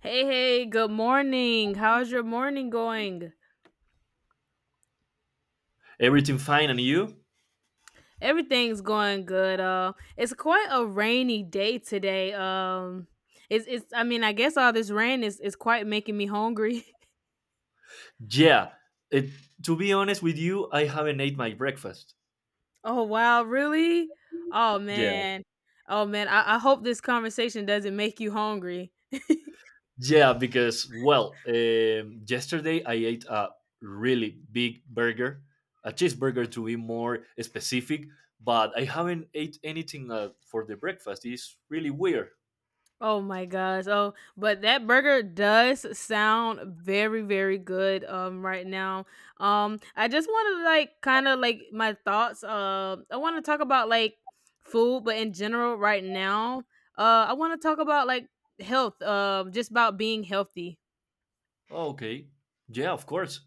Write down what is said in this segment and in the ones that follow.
Hey, hey, good morning. How's your morning going? Everything fine, and you? Everything's going good. It's quite a rainy day today. It's I guess all this rain is quite making me hungry. Yeah. It, to be honest with you, I haven't ate my breakfast. Oh, wow, really? Oh, Yeah. man. Oh, man, I hope this conversation doesn't make you hungry. Yeah, because, yesterday I ate a really big burger, a cheeseburger to be more specific, but I haven't ate anything for the breakfast. It's really weird. Oh my gosh. Oh, but that burger does sound very, very good right now. Um, I just wanna like kinda like my thoughts. Uh, I wanna talk about like food, but in general right now. Uh, I wanna talk about like health, just about being healthy. Oh, okay. Yeah, of course.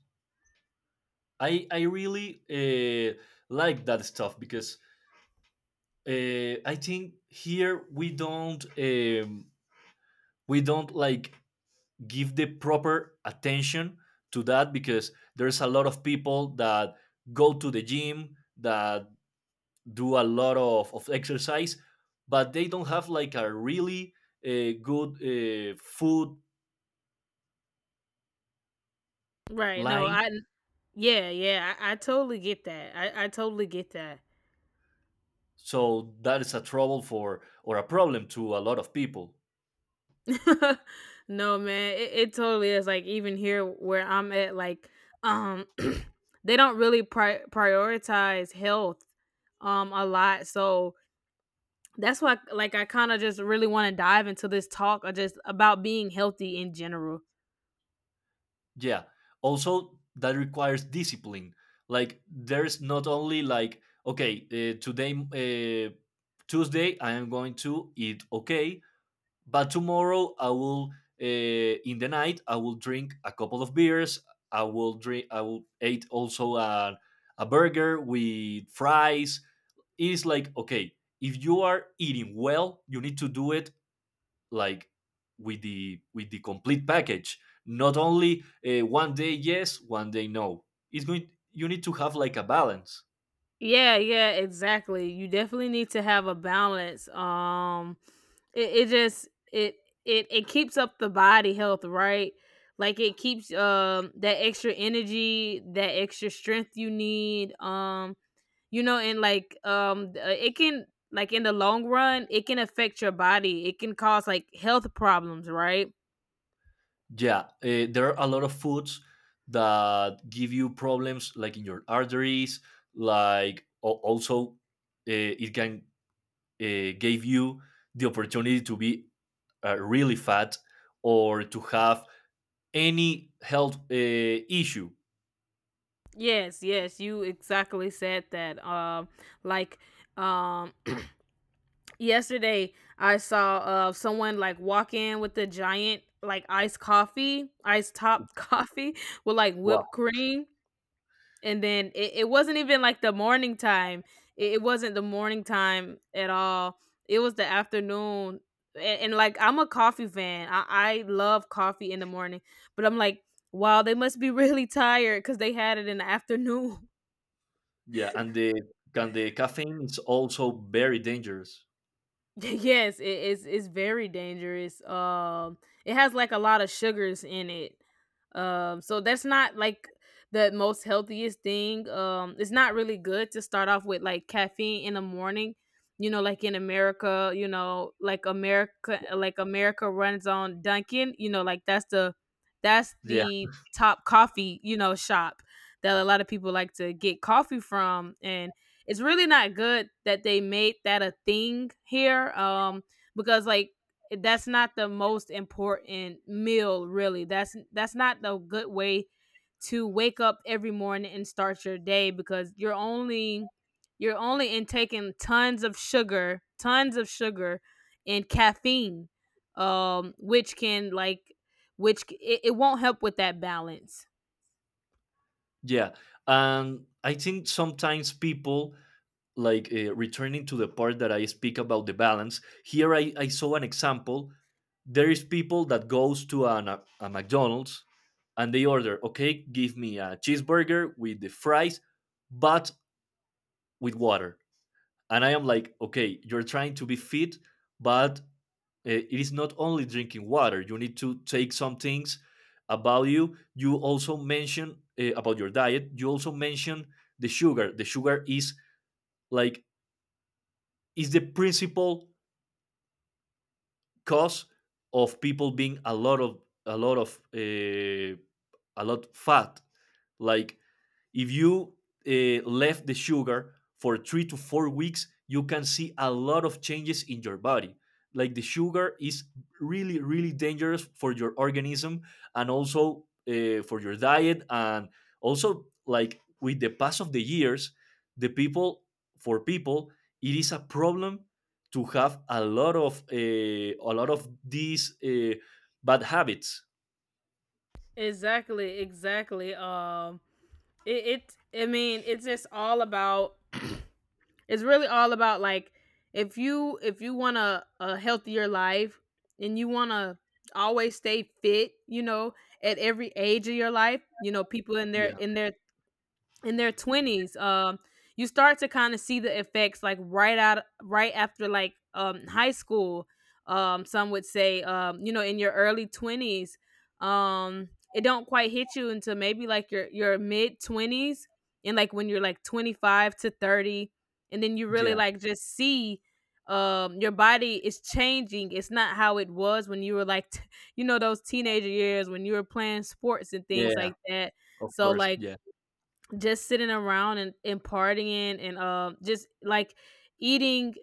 I really like that stuff because I think here we don't like give the proper attention to that because there's a lot of people that go to the gym, that do a lot of exercise but they don't have like a really good food Right. No, line, I yeah, yeah. I totally get that. I totally get that. so that is a trouble for, or a problem to, a lot of people. No, man, it totally is, like even here where I'm at, like um they don't really prioritize health a lot, so that's why like I kind of just really want to dive into this talk of just about being healthy in general. Yeah, also that requires discipline. Like there's not only like, okay, today, Tuesday, I am going to eat okay, but tomorrow I will uh, in the night I will drink a couple of beers. I will eat also a burger with fries. It is like, okay, if you are eating well, you need to do it, like, with the complete package. Not only one day yes, one day no. It's going, you need to have like a balance. Yeah, yeah, exactly. You definitely need to have a balance. It, it just it it it keeps up the body health, right? Like it keeps that extra energy, that extra strength you need. You know, and like it can, like in the long run, it can affect your body. It can cause like health problems, right? Yeah, there are a lot of foods that give you problems, like in your arteries. Like also, it can give you the opportunity to be really fat or to have any health issue. Yes, yes, you exactly said that. Like um yesterday, I saw someone like walk in with the giant like iced coffee, iced top coffee with like Wow. whipped cream, and then it wasn't even like the morning time. It wasn't the morning time at all. It was the afternoon, and like I'm a coffee fan. I love coffee in the morning, but I'm like, wow, they must be really tired because they had it in the afternoon. Yeah, and the caffeine is also very dangerous. Yes, it is, it's very dangerous. Um, it has like a lot of sugars in it. Um, so that's not like the most healthiest thing. Um, it's not really good to start off with like caffeine in the morning. You know, like in America, you know, like America, like America runs on Dunkin', you know, like that's Yeah, the top coffee, you know, shop that a lot of people like to get coffee from, and it's really not good that they made that a thing here because like that's not the most important meal, really. That's not the good way to wake up every morning and start your day because you're only intaking tons of sugar, tons of sugar and caffeine, which can like which it won't help with that balance. yeah, and I think sometimes people, like, returning to the part that I speak about the balance, here I saw an example. There is people that goes to a McDonald's and they order, okay, give me a cheeseburger with the fries, but with water. And I am like, okay, you're trying to be fit, but it is not only drinking water, you need to take some things. About, you also mention about your diet, you also mention the sugar. The sugar is, like, is the principal cause of people being a lot of, a lot of, a lot fat. Like if you left the sugar for 3 to 4 weeks, you can see a lot of changes in your body. Like the sugar is really, really dangerous for your organism, and also for your diet. And also, like with the pass of the years, the people, for people, it is a problem to have a lot of these bad habits. Exactly, exactly. Um, it I mean, it's just all about, it's really all about like, if you, if you want a healthier life and you want to always stay fit, you know, at every age of your life, you know, people in their Yeah, in their 20s, you start to kind of see the effects like right after, like um, high school. Um, some would say um, you know, in your early 20s, it don't quite hit you until maybe like your mid 20s, and like when you're like 25 to 30, and then you really yeah, like just see your body is changing. It's not how it was when you were like you know, those teenager years when you were playing sports and things yeah. like that. Of So course, like yeah. just sitting around and partying and just like eating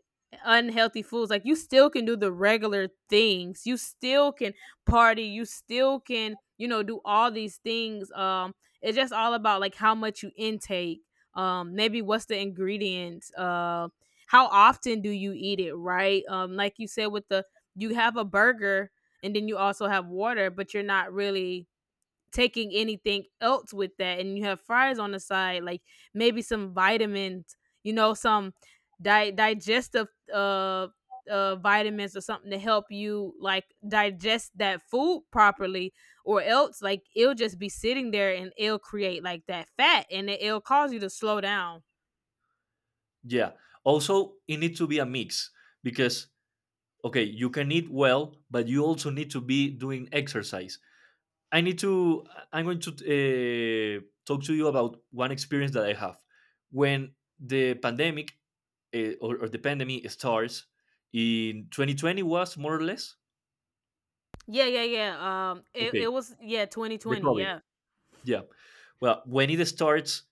unhealthy foods, like you still can do the regular things, you still can party, you still can, you know, do all these things, it's just all about like how much you intake, maybe what's the ingredients, how often do you eat it, right? Um, like you said, with the you have a burger and then you also have water, but you're not really taking anything else with that, and you have fries on the side, like maybe some vitamins, you know, some digestive vitamins or something to help you like digest that food properly, or else like it'll just be sitting there and it'll create like that fat, and it, it'll cause you to slow down. Yeah. Also, it needs to be a mix because, okay, you can eat well, but you also need to be doing exercise. I need to. I'm going to talk to you about one experience that I have when the pandemic or the pandemic starts in 2020, was more or less, Yeah, it, it okay, was, yeah, the 2020, COVID. yeah, Yeah. Well, when it starts,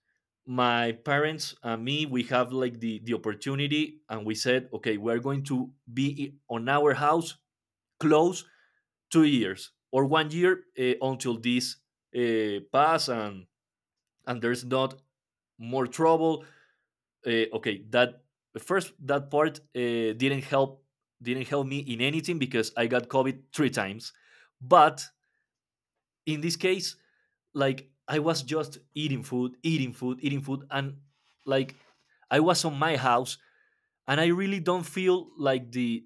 my parents and me, we have like the opportunity and we said, okay, we're going to be on our house close 2 years or one year until this pass and there's not more trouble. Okay, that part didn't help me in anything because I got COVID three times. But in this case, like I was just eating food, and, like, I was on my house, and I really don't feel like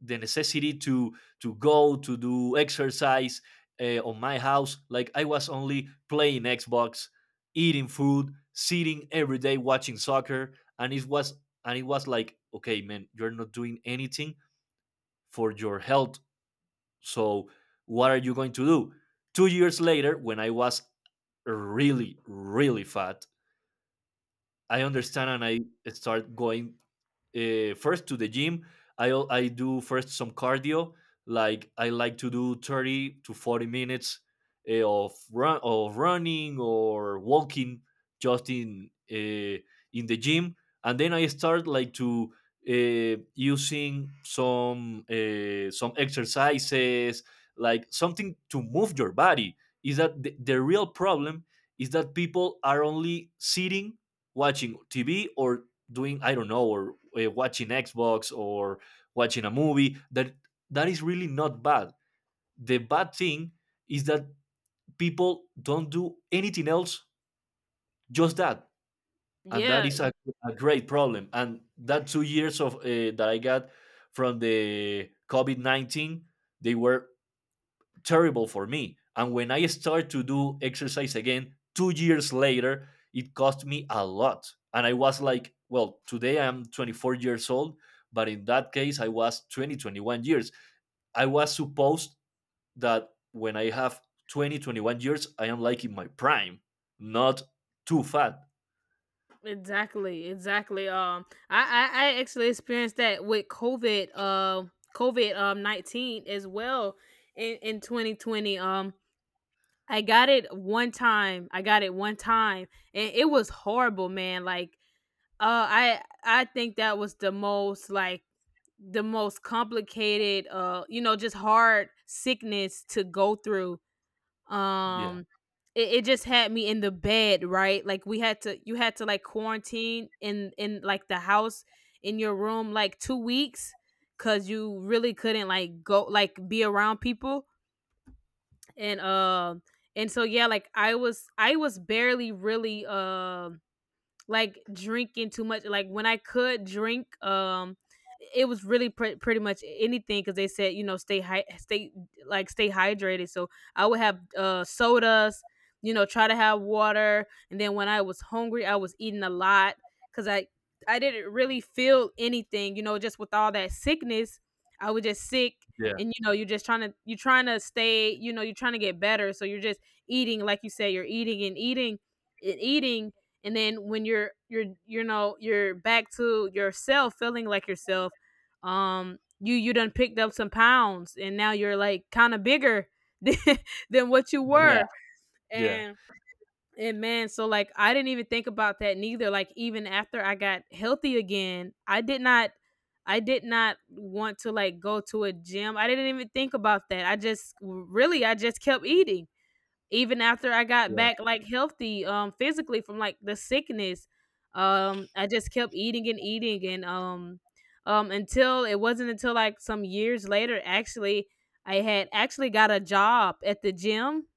the necessity to go to do exercise on my house. Like I was only playing Xbox, eating food, sitting every day watching soccer, and it was like, okay, man, you're not doing anything for your health, so what are you going to do? 2 years later, when I was really, really fat, I understand and I start going first to the gym. I do first some cardio. Like I like to do 30 to 40 minutes of run of running or walking, just in the gym, and then I start, like, to using some exercises, like something to move your body. Is that the real problem? Is that people are only sitting watching TV or doing, I don't know, or watching Xbox or watching a movie. That that is really not bad, the bad thing is that people don't do anything else, just that. And that yeah. is a great problem. And that 2 years of that I got from the covid-19, they were terrible for me. And when I started to do exercise again 2 years later, it cost me a lot. And I was like, well, today I'm 24 years old, but in that case, I was 20, 21 years. I was supposed that when I have 20, 21 years, I am like in my prime, not too fat. Exactly, exactly. I I actually experienced that with COVID, COVID 19 as well, in 2020. I got it one time. I got it one time, and it was horrible, man. Like, I think that was the most like the most complicated, you know, just hard sickness to go through Yeah, um. It just had me in the bed, right? Like we had to, you had to like quarantine in like the house, in your room, like 2 weeks, because you really couldn't like go like be around people, and um and so yeah, like I was, I was barely really like drinking too much. Like when I could drink, it was really pretty much anything because they said, you know, stay stay like stay hydrated. So I would have sodas, you know, try to have water, and then when I was hungry, I was eating a lot because I didn't really feel anything. You know, just with all that sickness, I was just sick. yeah, And you know, you're just trying to, you're trying to stay, you know, you're trying to get better. So you're just eating, like you said, you're eating and eating and eating, and then when you know, you're back to yourself, feeling like yourself um, you done picked up some pounds, and now you're like kind of bigger than, than what you yeah, were. yeah, and and man, so like, I didn't even think about that neither. Like even after I got healthy again, I did not want to like go to a gym. I didn't even think about that, I just really, I just kept eating even after I got yeah, back like healthy physically from like the sickness, I just kept eating and eating and um until it wasn't until like some years later, actually I had actually got a job at the gym.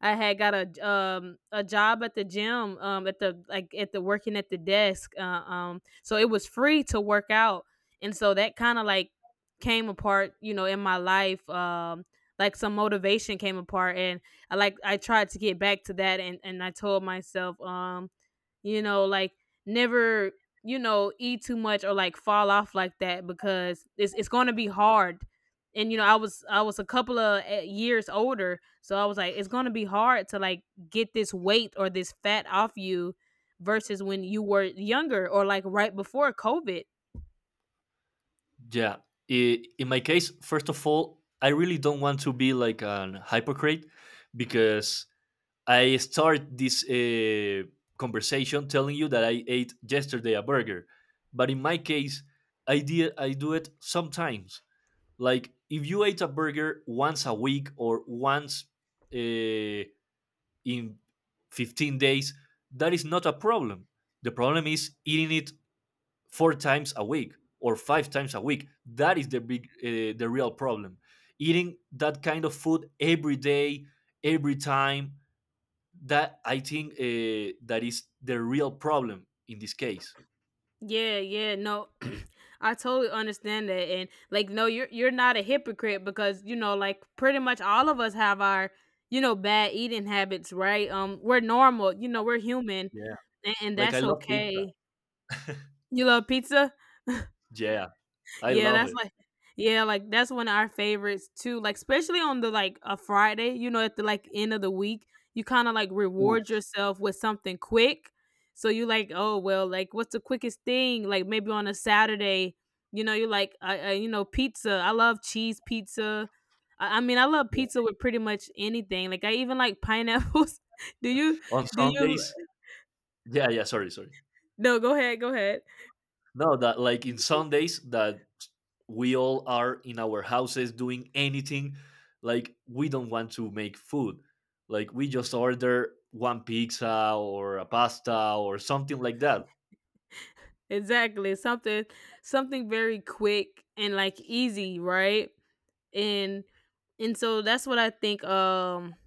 I had got a job at the gym at the like at the working at the desk, so it was free to work out, and so that kind of like came apart, you know, in my life um, like some motivation came apart. And I like I tried to get back to that, and I told myself um, you know, like never, you know, eat too much or like fall off like that because it's going to be hard. And you know, I was, I was a couple of years older, so I was like, it's going to be hard to like get this weight or this fat off you versus when you were younger or like right before COVID. yeah. In my case, first of all, I really don't want to be like an hypocrite because I start this conversation telling you that I ate yesterday a burger. But in my case, I do it sometimes. Like if you ate a burger once a week or once uh, in 15 days, that is not a problem. The problem is eating it four times a week or five times a week. That is the real problem. Eating that kind of food every day, every time, that I think that is the real problem in this case. Yeah, yeah, no, I totally understand that, and like, no, you're not a hypocrite because you know, like, pretty much all of us have our, you know, bad eating habits, right? We're normal, you know, we're human, Yeah, and like I that's love pizza. okay. You love pizza? Yeah, I Yeah, love that's it. like, yeah, like, that's one of our favorites too, like, especially on the like, a Friday, you know, at the, like, end of the week, you kinda, like, Ooh, reward yourself with something quick. So you like, "Oh, well, like, what's the quickest thing?" Like, maybe on a Saturday, you know, you like, I you know, pizza, I love cheese pizza." I mean, I love yeah. pizza with pretty much anything, like, I even like pineapples. Do you On do you Sundays, yeah, yeah. Sorry, sorry. no, go ahead, go ahead. No, that, like in Sundays, that we all are in our houses doing anything. Like we don't want to make food. Like we just order one pizza or a pasta or something like that. Exactly. Something very quick and like easy, right? and and so that's what I think um,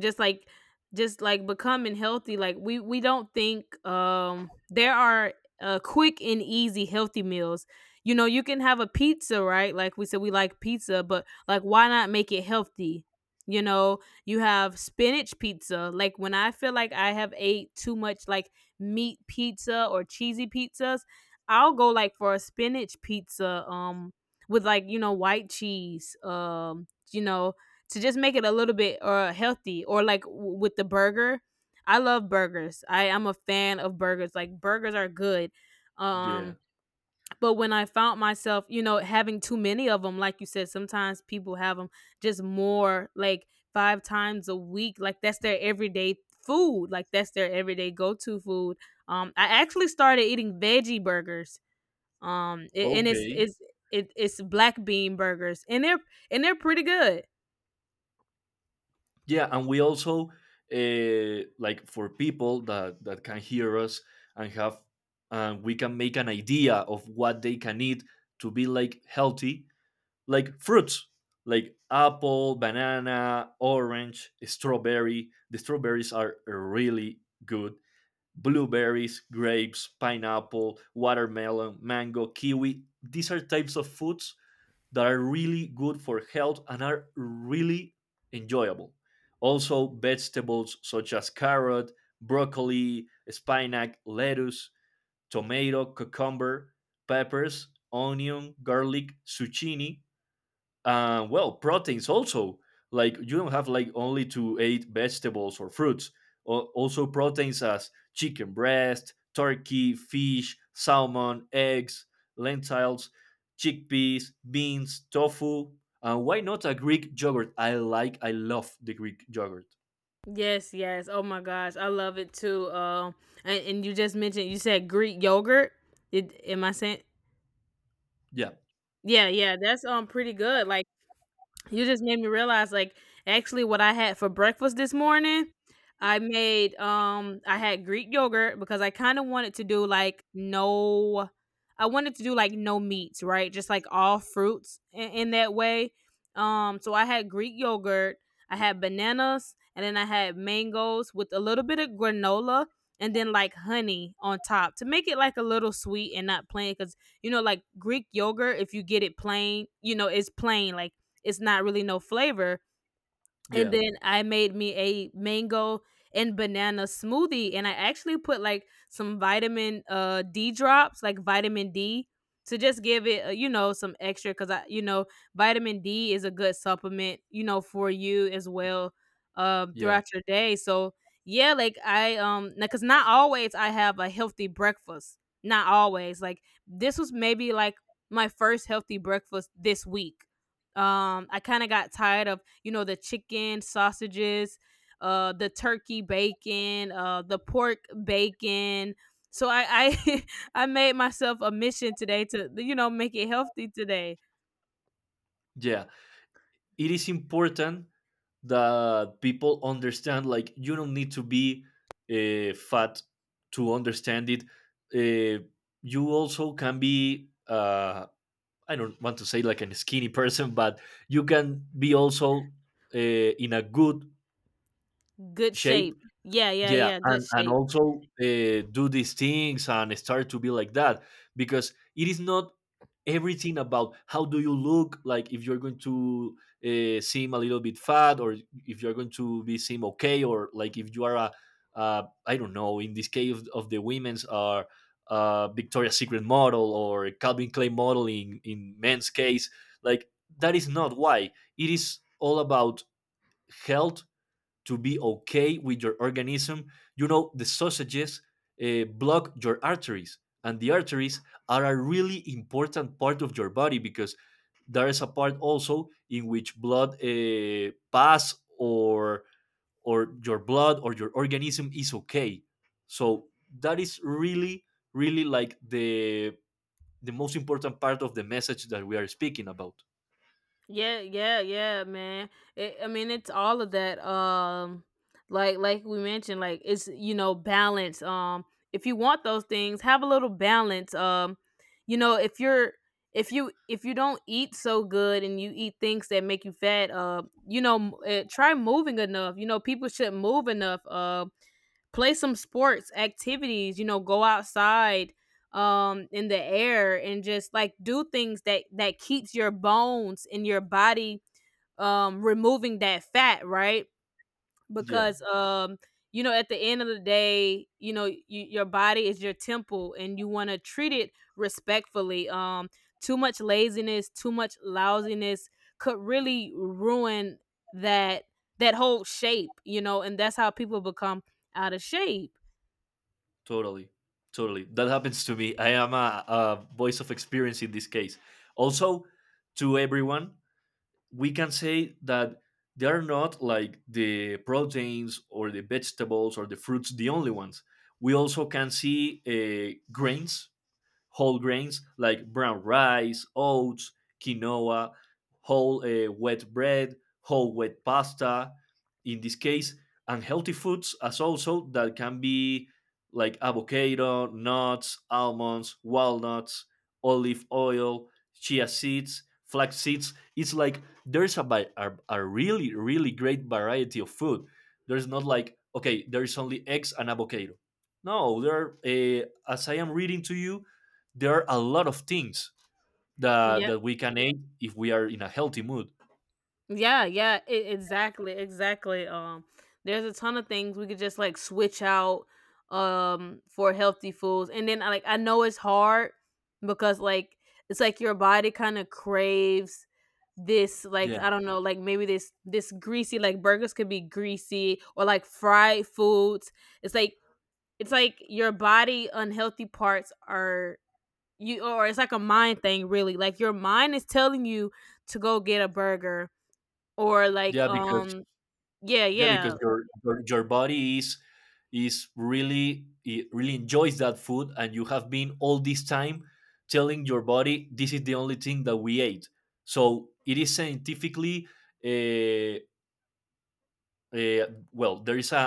just like, just like becoming healthy, like we don't think there are quick and easy healthy meals. You know, you can have a pizza, right? Like we said, we like pizza, but like why not make it healthy? You know, you have spinach pizza. Like when I feel like I have ate too much like meat pizza or cheesy pizzas, I'll go like for a spinach pizza with like white cheese to just make it a little bit or healthy, or like with the burger. I love burgers, I am a fan of burgers, like burgers are good. um Yeah. but when I found myself having too many of them, like you said, sometimes people have them just more like five times a week, like that's their everyday food, like that's their everyday go-to food. I actually started eating veggie burgers. um, a- and it's Okay. it's it, it's black bean burgers, and they're pretty good. Yeah, and we also like for people that can hear us and have, we can make an idea of what they can eat to be like healthy. Like fruits, like apple, banana, orange, strawberry. The strawberries are really good. Blueberries, grapes, pineapple, watermelon, mango, kiwi. These are types of foods that are really good for health and are really enjoyable. Also, vegetables such as carrot, broccoli, spinach, lettuce, tomato, cucumber, peppers, onion, garlic, zucchini, well, proteins also, like you don't have like only to eat vegetables or fruits. Also proteins as chicken breast, turkey, fish, salmon, eggs, lentils, chickpeas, beans, tofu, and why not a Greek yogurt. I love the Greek yogurt. Yes, yes. Oh my gosh, I love it too. And you just mentioned, you said Greek yogurt. It, am I saying? yeah Yeah, yeah. That's pretty good. Like. You just made me realize, like, actually, what I had for breakfast this morning, I made I had Greek yogurt because I kind of wanted to do like no, I wanted to do like no meats, right? Just like all fruits in that way. So I had Greek yogurt, I had bananas, and then I had mangoes with a little bit of granola, and then like honey on top to make it like a little sweet and not plain, because like Greek yogurt, if you get it plain, it's plain, like it's not really no flavor. And yeah then I made me a mango and banana smoothie, and I actually put like some vitamin D drops, like vitamin D, to just give it, some extra, cuz vitamin D is a good supplement, for you as well yeah throughout your day. So, yeah, like I cuz not always I have a healthy breakfast. Not always. Like this was maybe like my first healthy breakfast this week. I kind of got tired of the chicken sausages, the turkey bacon, the pork bacon. So I I made myself a mission today to make it healthy today. yeah It is important that people understand, like, you don't need to be fat to understand it. Uh, you also can be I don't want to say like a skinny person, but you can be also in a good Good shape. shape. Yeah, yeah, Yeah, yeah. Good and shape. also do these things and start to be like that because it is not everything about how do you look like, if you're going to seem a little bit fat, or if you're going to be seem okay, or like if you are a, I don't know, in this case of the women's, are Victoria's Secret model, or Calvin Klein model in men's case. Like that is not why, it is all about health, to be okay with your organism. You know, the sausages block your arteries, and the arteries are a really important part of your body because there is a part also in which blood pass or your blood or your organism is okay. So that is really, really, like, the most important part of the message that we are speaking about. Yeah, yeah, yeah, man. It, I mean, it's all of that. Like we mentioned, like it's balance. If you want those things, have a little balance. If you if you don't eat so good and you eat things that make you fat, try moving enough. You know, people should move enough. Play some sports activities, go outside in the air, and just like do things that keeps your bones and your body removing that fat, right? Yeah. Because you know at the end of the day, you know, your body is your temple and you want to treat it respectfully. Too much laziness, too much lousiness could really ruin that that whole shape, you know, and that's how people become out of shape. Totally, totally. That happens to me. I am a voice of experience in this case. Also, to everyone, we can say that they are not like the proteins or the vegetables or the fruits the only ones. We also can see grains, whole grains, like brown rice, oats, quinoa, whole wheat bread, whole wheat pasta. In this case, unhealthy foods as also that can be, like, avocado, nuts, almonds, walnuts, olive oil, chia seeds, flax seeds. It's like there's a really, really great variety of food. There's not, like, okay, there's only eggs and avocado. No, there are. As I am reading to you, there are a lot of things Yeah, that we can eat if we are in a healthy mood. yeah, yeah. Exactly, exactly. There's a ton of things we could just like switch out for healthy foods, and then I like I know it's hard because like it's like your body kind of craves this, like Yeah, I don't know, like maybe this greasy, like burgers could be greasy or like fried foods. It's like it's like your body unhealthy parts are you, or it's like a mind thing really. Like your mind is telling you to go get a burger. Or like, yeah, because yeah, yeah, because yeah. your your body is really, it really enjoys that food, and you have been all this time telling your body this is the only thing that we ate. So it is scientifically uh, Uh, well, there is a,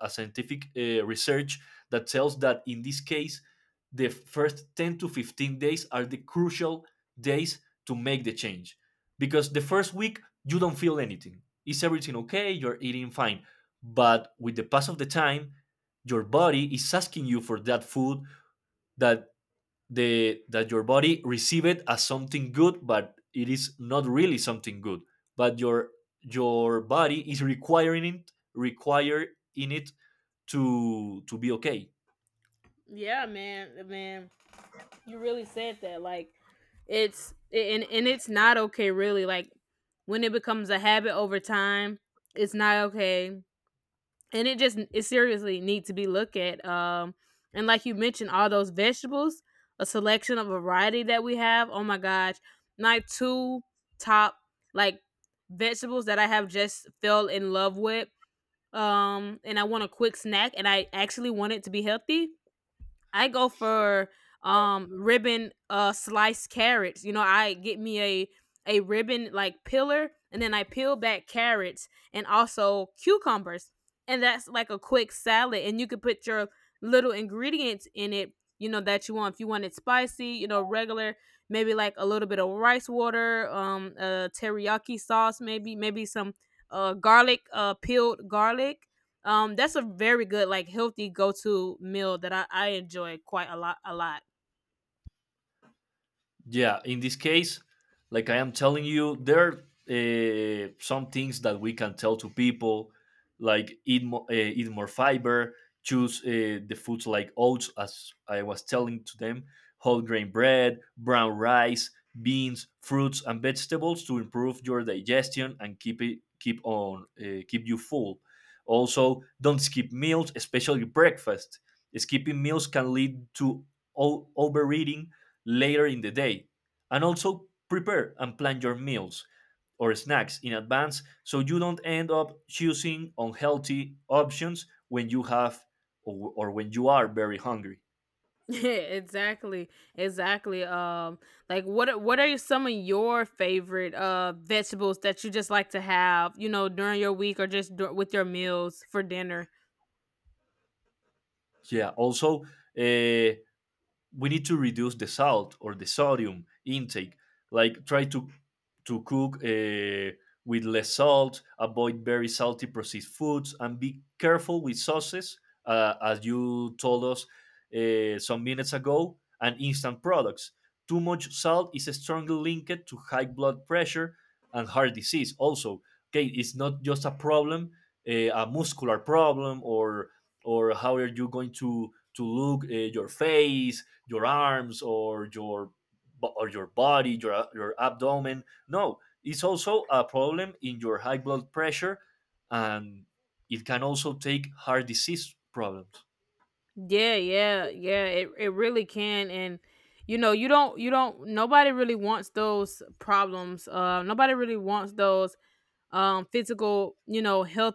a, a scientific research that tells that in this case, the first 10 to 15 days are the crucial days to make the change. Because the first week, you don't feel anything. Is everything okay? You're eating fine. But with the pass of the time, your body is asking you for that food that the that your body receive it as something good, but it is not really something good. But your body is requiring it, require in it to be okay. Yeah, man, man. You really said that, like, it's and it's not okay really, like when it becomes a habit over time, it's not okay, and it just it seriously needs to be looked at, and like you mentioned, all those vegetables, a selection of variety that we have, oh my gosh, my 2 top, like, vegetables that I have just fell in love with, and I want a quick snack and I actually want it to be healthy, I go for ribbon sliced carrots. You know, I get me a ribbon like pillar and then I peel back carrots, and also cucumbers. And that's like a quick salad, and you could put your little ingredients in it, you know, that you want. If you want it spicy, you know, regular, maybe like a little bit of rice water, a teriyaki sauce maybe, maybe some garlic, peeled garlic. That's a very good, like healthy go-to meal that I enjoy quite a lot. Yeah, in this case, like I am telling you, there are some things that we can tell to people, like eat, eat more fiber. Choose the foods like oats, as I was telling to them, whole grain bread, brown rice, beans, fruits, and vegetables to improve your digestion and keep it keep on keep you full. Also, don't skip meals, especially breakfast. Skipping meals can lead to overeating later in the day. And also prepare and plan your meals or snacks in advance, so you don't end up choosing unhealthy options when you have or when you are very hungry. Yeah, exactly. Exactly. Like what are some of your favorite vegetables that you just like to have, you know, during your week or just with your meals for dinner? Yeah, also, we need to reduce the salt or the sodium intake. Like, try to cook with less salt, avoid very salty processed foods, and be careful with sauces, as you told us some minutes ago, and instant products. Too much salt is strongly linked to high blood pressure and heart disease. Also, okay, it's not just a problem, a muscular problem, or how are you going to look, your face, your arms, or your or your body, your abdomen. No, it's also a problem in your high blood pressure, and it can also take heart disease problems. Yeah, yeah, yeah. It really can, and you know, you don't nobody really wants those problems. Nobody really wants those physical, you know, health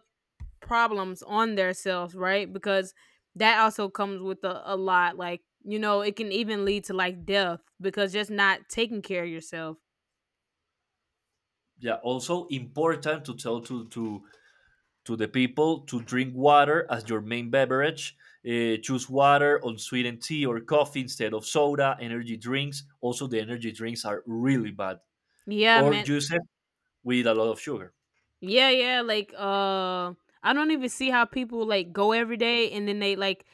problems on themselves, right? Because that also comes with a lot. Like, you know, it can even lead to like death because just not taking care of yourself. Yeah, also important to tell to to the people to drink water as your main beverage. Choose water on sweetened tea or coffee instead of soda, energy drinks. Also, the energy drinks are really bad. Yeah, Or man. juices with a lot of sugar. Yeah, yeah, like I don't even see how people like go every day and then they like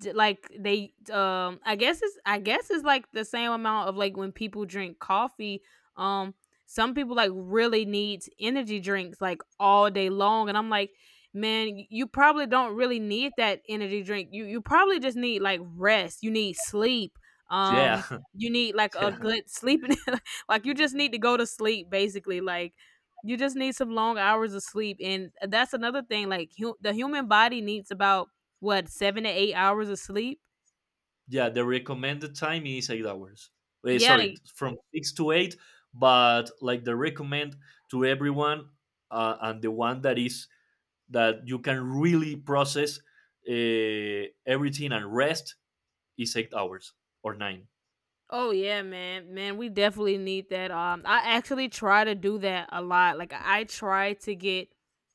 like they I guess it's like the same amount of like when people drink coffee. um some people like really need energy drinks like all day long, and I'm like, man, you probably don't really need that energy drink, you probably just need like rest, you need sleep. um Yeah, you need like a yeah. good sleeping, like you just need to go to sleep basically, like you just need some long hours of sleep, and that's another thing. Like the human body needs about what, 7 to 8 hours of sleep. Yeah, the recommended time is 8 hours. Eh, Yeah, sorry, from six to eight, but like the recommend to everyone, and the one that is that you can really process, everything and rest, is 8 hours or nine. oh yeah, man. Man, we definitely need that. I actually try to do that a lot. Like I try to get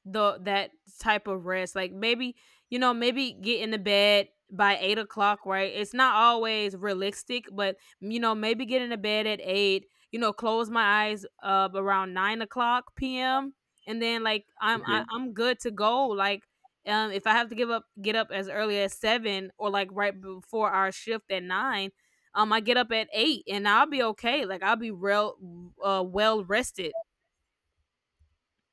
the that type of rest. Like maybe, you know, maybe get in the bed by 8 o'clock, right? It's not always realistic, but you know, maybe get in the bed at eight, you know, close my eyes up around 9 o'clock PM, and then like Okay. I'm good to go. Like if I have to give up get up as early as seven, or like right before our shift at nine, I get up at eight and I'll be okay. Like I'll be real, well rested.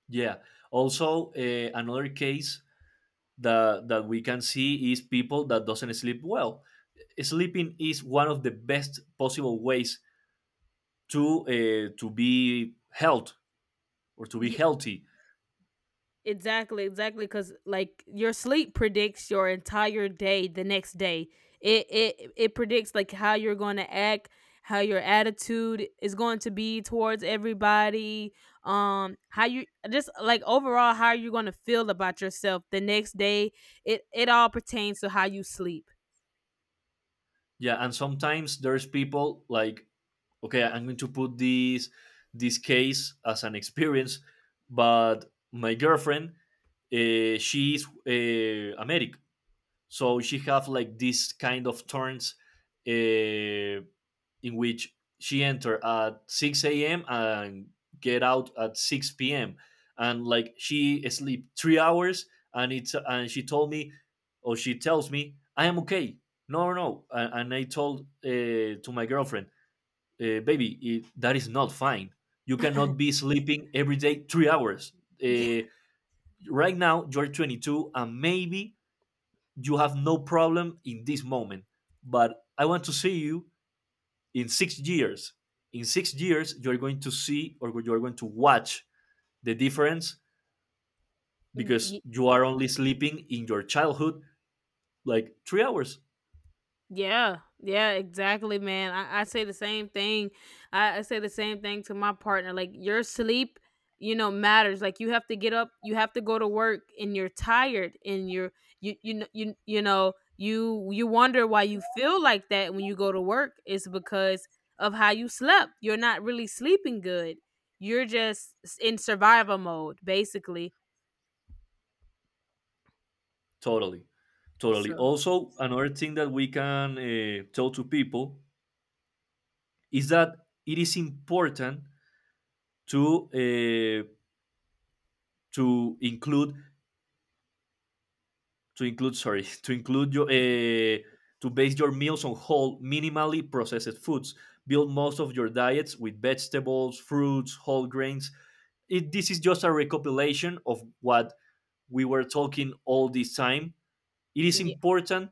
Yeah. Also, another case that we can see is people that doesn't sleep well. Sleeping is one of the best possible ways to be held or to be Yeah, healthy. exactly, exactly. Because like your sleep predicts your entire day the next day. It predicts like how you're going to act, how your attitude is going to be towards everybody. How you just like overall how you're going to feel about yourself the next day. It all pertains to how you sleep. Yeah, and sometimes there's people like, okay, I'm going to put this case as an experience, but my girlfriend, she's is American, so she have like this kind of turns, uh, in which she entered at 6 a.m. and get out at 6 p.m. And like she sleep 3 hours, and it's and she told me, or she tells me, I am okay. No, no, and I told to my girlfriend, baby, it, that is not fine. You cannot be sleeping every day 3 hours. Uh, right now, you're 22, and maybe you have no problem in this moment. But I want to see you in 6 years. In 6 years you're going to see, or you're going to watch the difference, because Yeah. you are only sleeping in your childhood like 3 hours. Yeah, yeah, exactly, man. I say the same thing. I say the same thing to my partner. Like your sleep, you know, matters. Like you have to get up, you have to go to work, and you're tired, and you're you you know you you know you you wonder why you feel like that when you go to work. It's because of how you slept. You're not really sleeping good. You're just in survival mode, basically. Totally, totally. So Also another thing that we can tell to people is that it is important to to include to include sorry to include your to base your meals on whole minimally processed foods, build most of your diets with vegetables, fruits, whole grains. It, this is just a recopilation of what we were talking all this time. It is yeah. important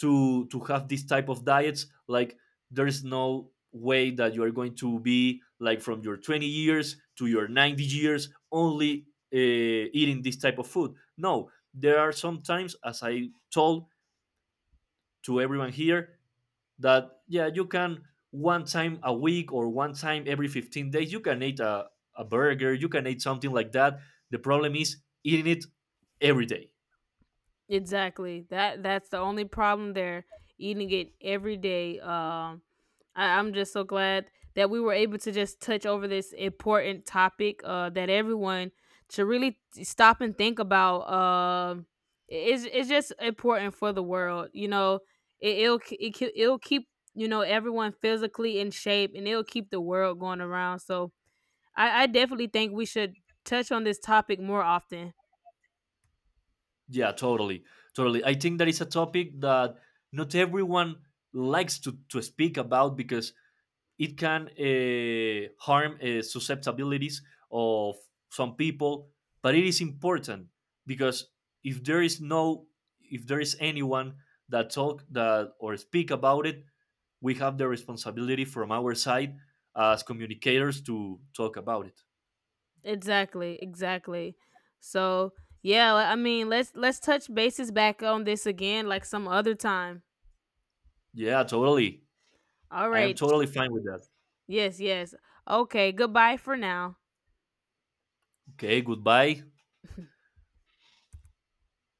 to have this type of diets. Like there is no way that you are going to be like from your 20 years to your 90 years only uh, eating this type of food. No, there are sometimes, as I told to everyone here, that yeah you can one time a week or one time every 15 days you can eat a burger, you can eat something like that. The problem is eating it every day. Exactly. That that's the only problem there. Eating it every day. I'm just so glad that we were able to just touch over this important topic. That everyone should really stop and think about. It's just important for the world. You know, it, it'll k- it, ki- it'll keep everyone physically in shape, and it'll keep the world going around. So I definitely think we should touch on this topic more often. Yeah, totally, totally. I think that is a topic that not everyone likes to speak about, because it can harm susceptibilities of some people. But it is important, because if there is no, if there is anyone that talk that or speak about it, we have the responsibility from our side as communicators to talk about it. Exactly, exactly. So yeah, I mean, let's touch bases back on this again, like some other time. Yeah, totally. All I am right. totally fine with that. Yes, yes. Okay. Goodbye for now. Okay, goodbye.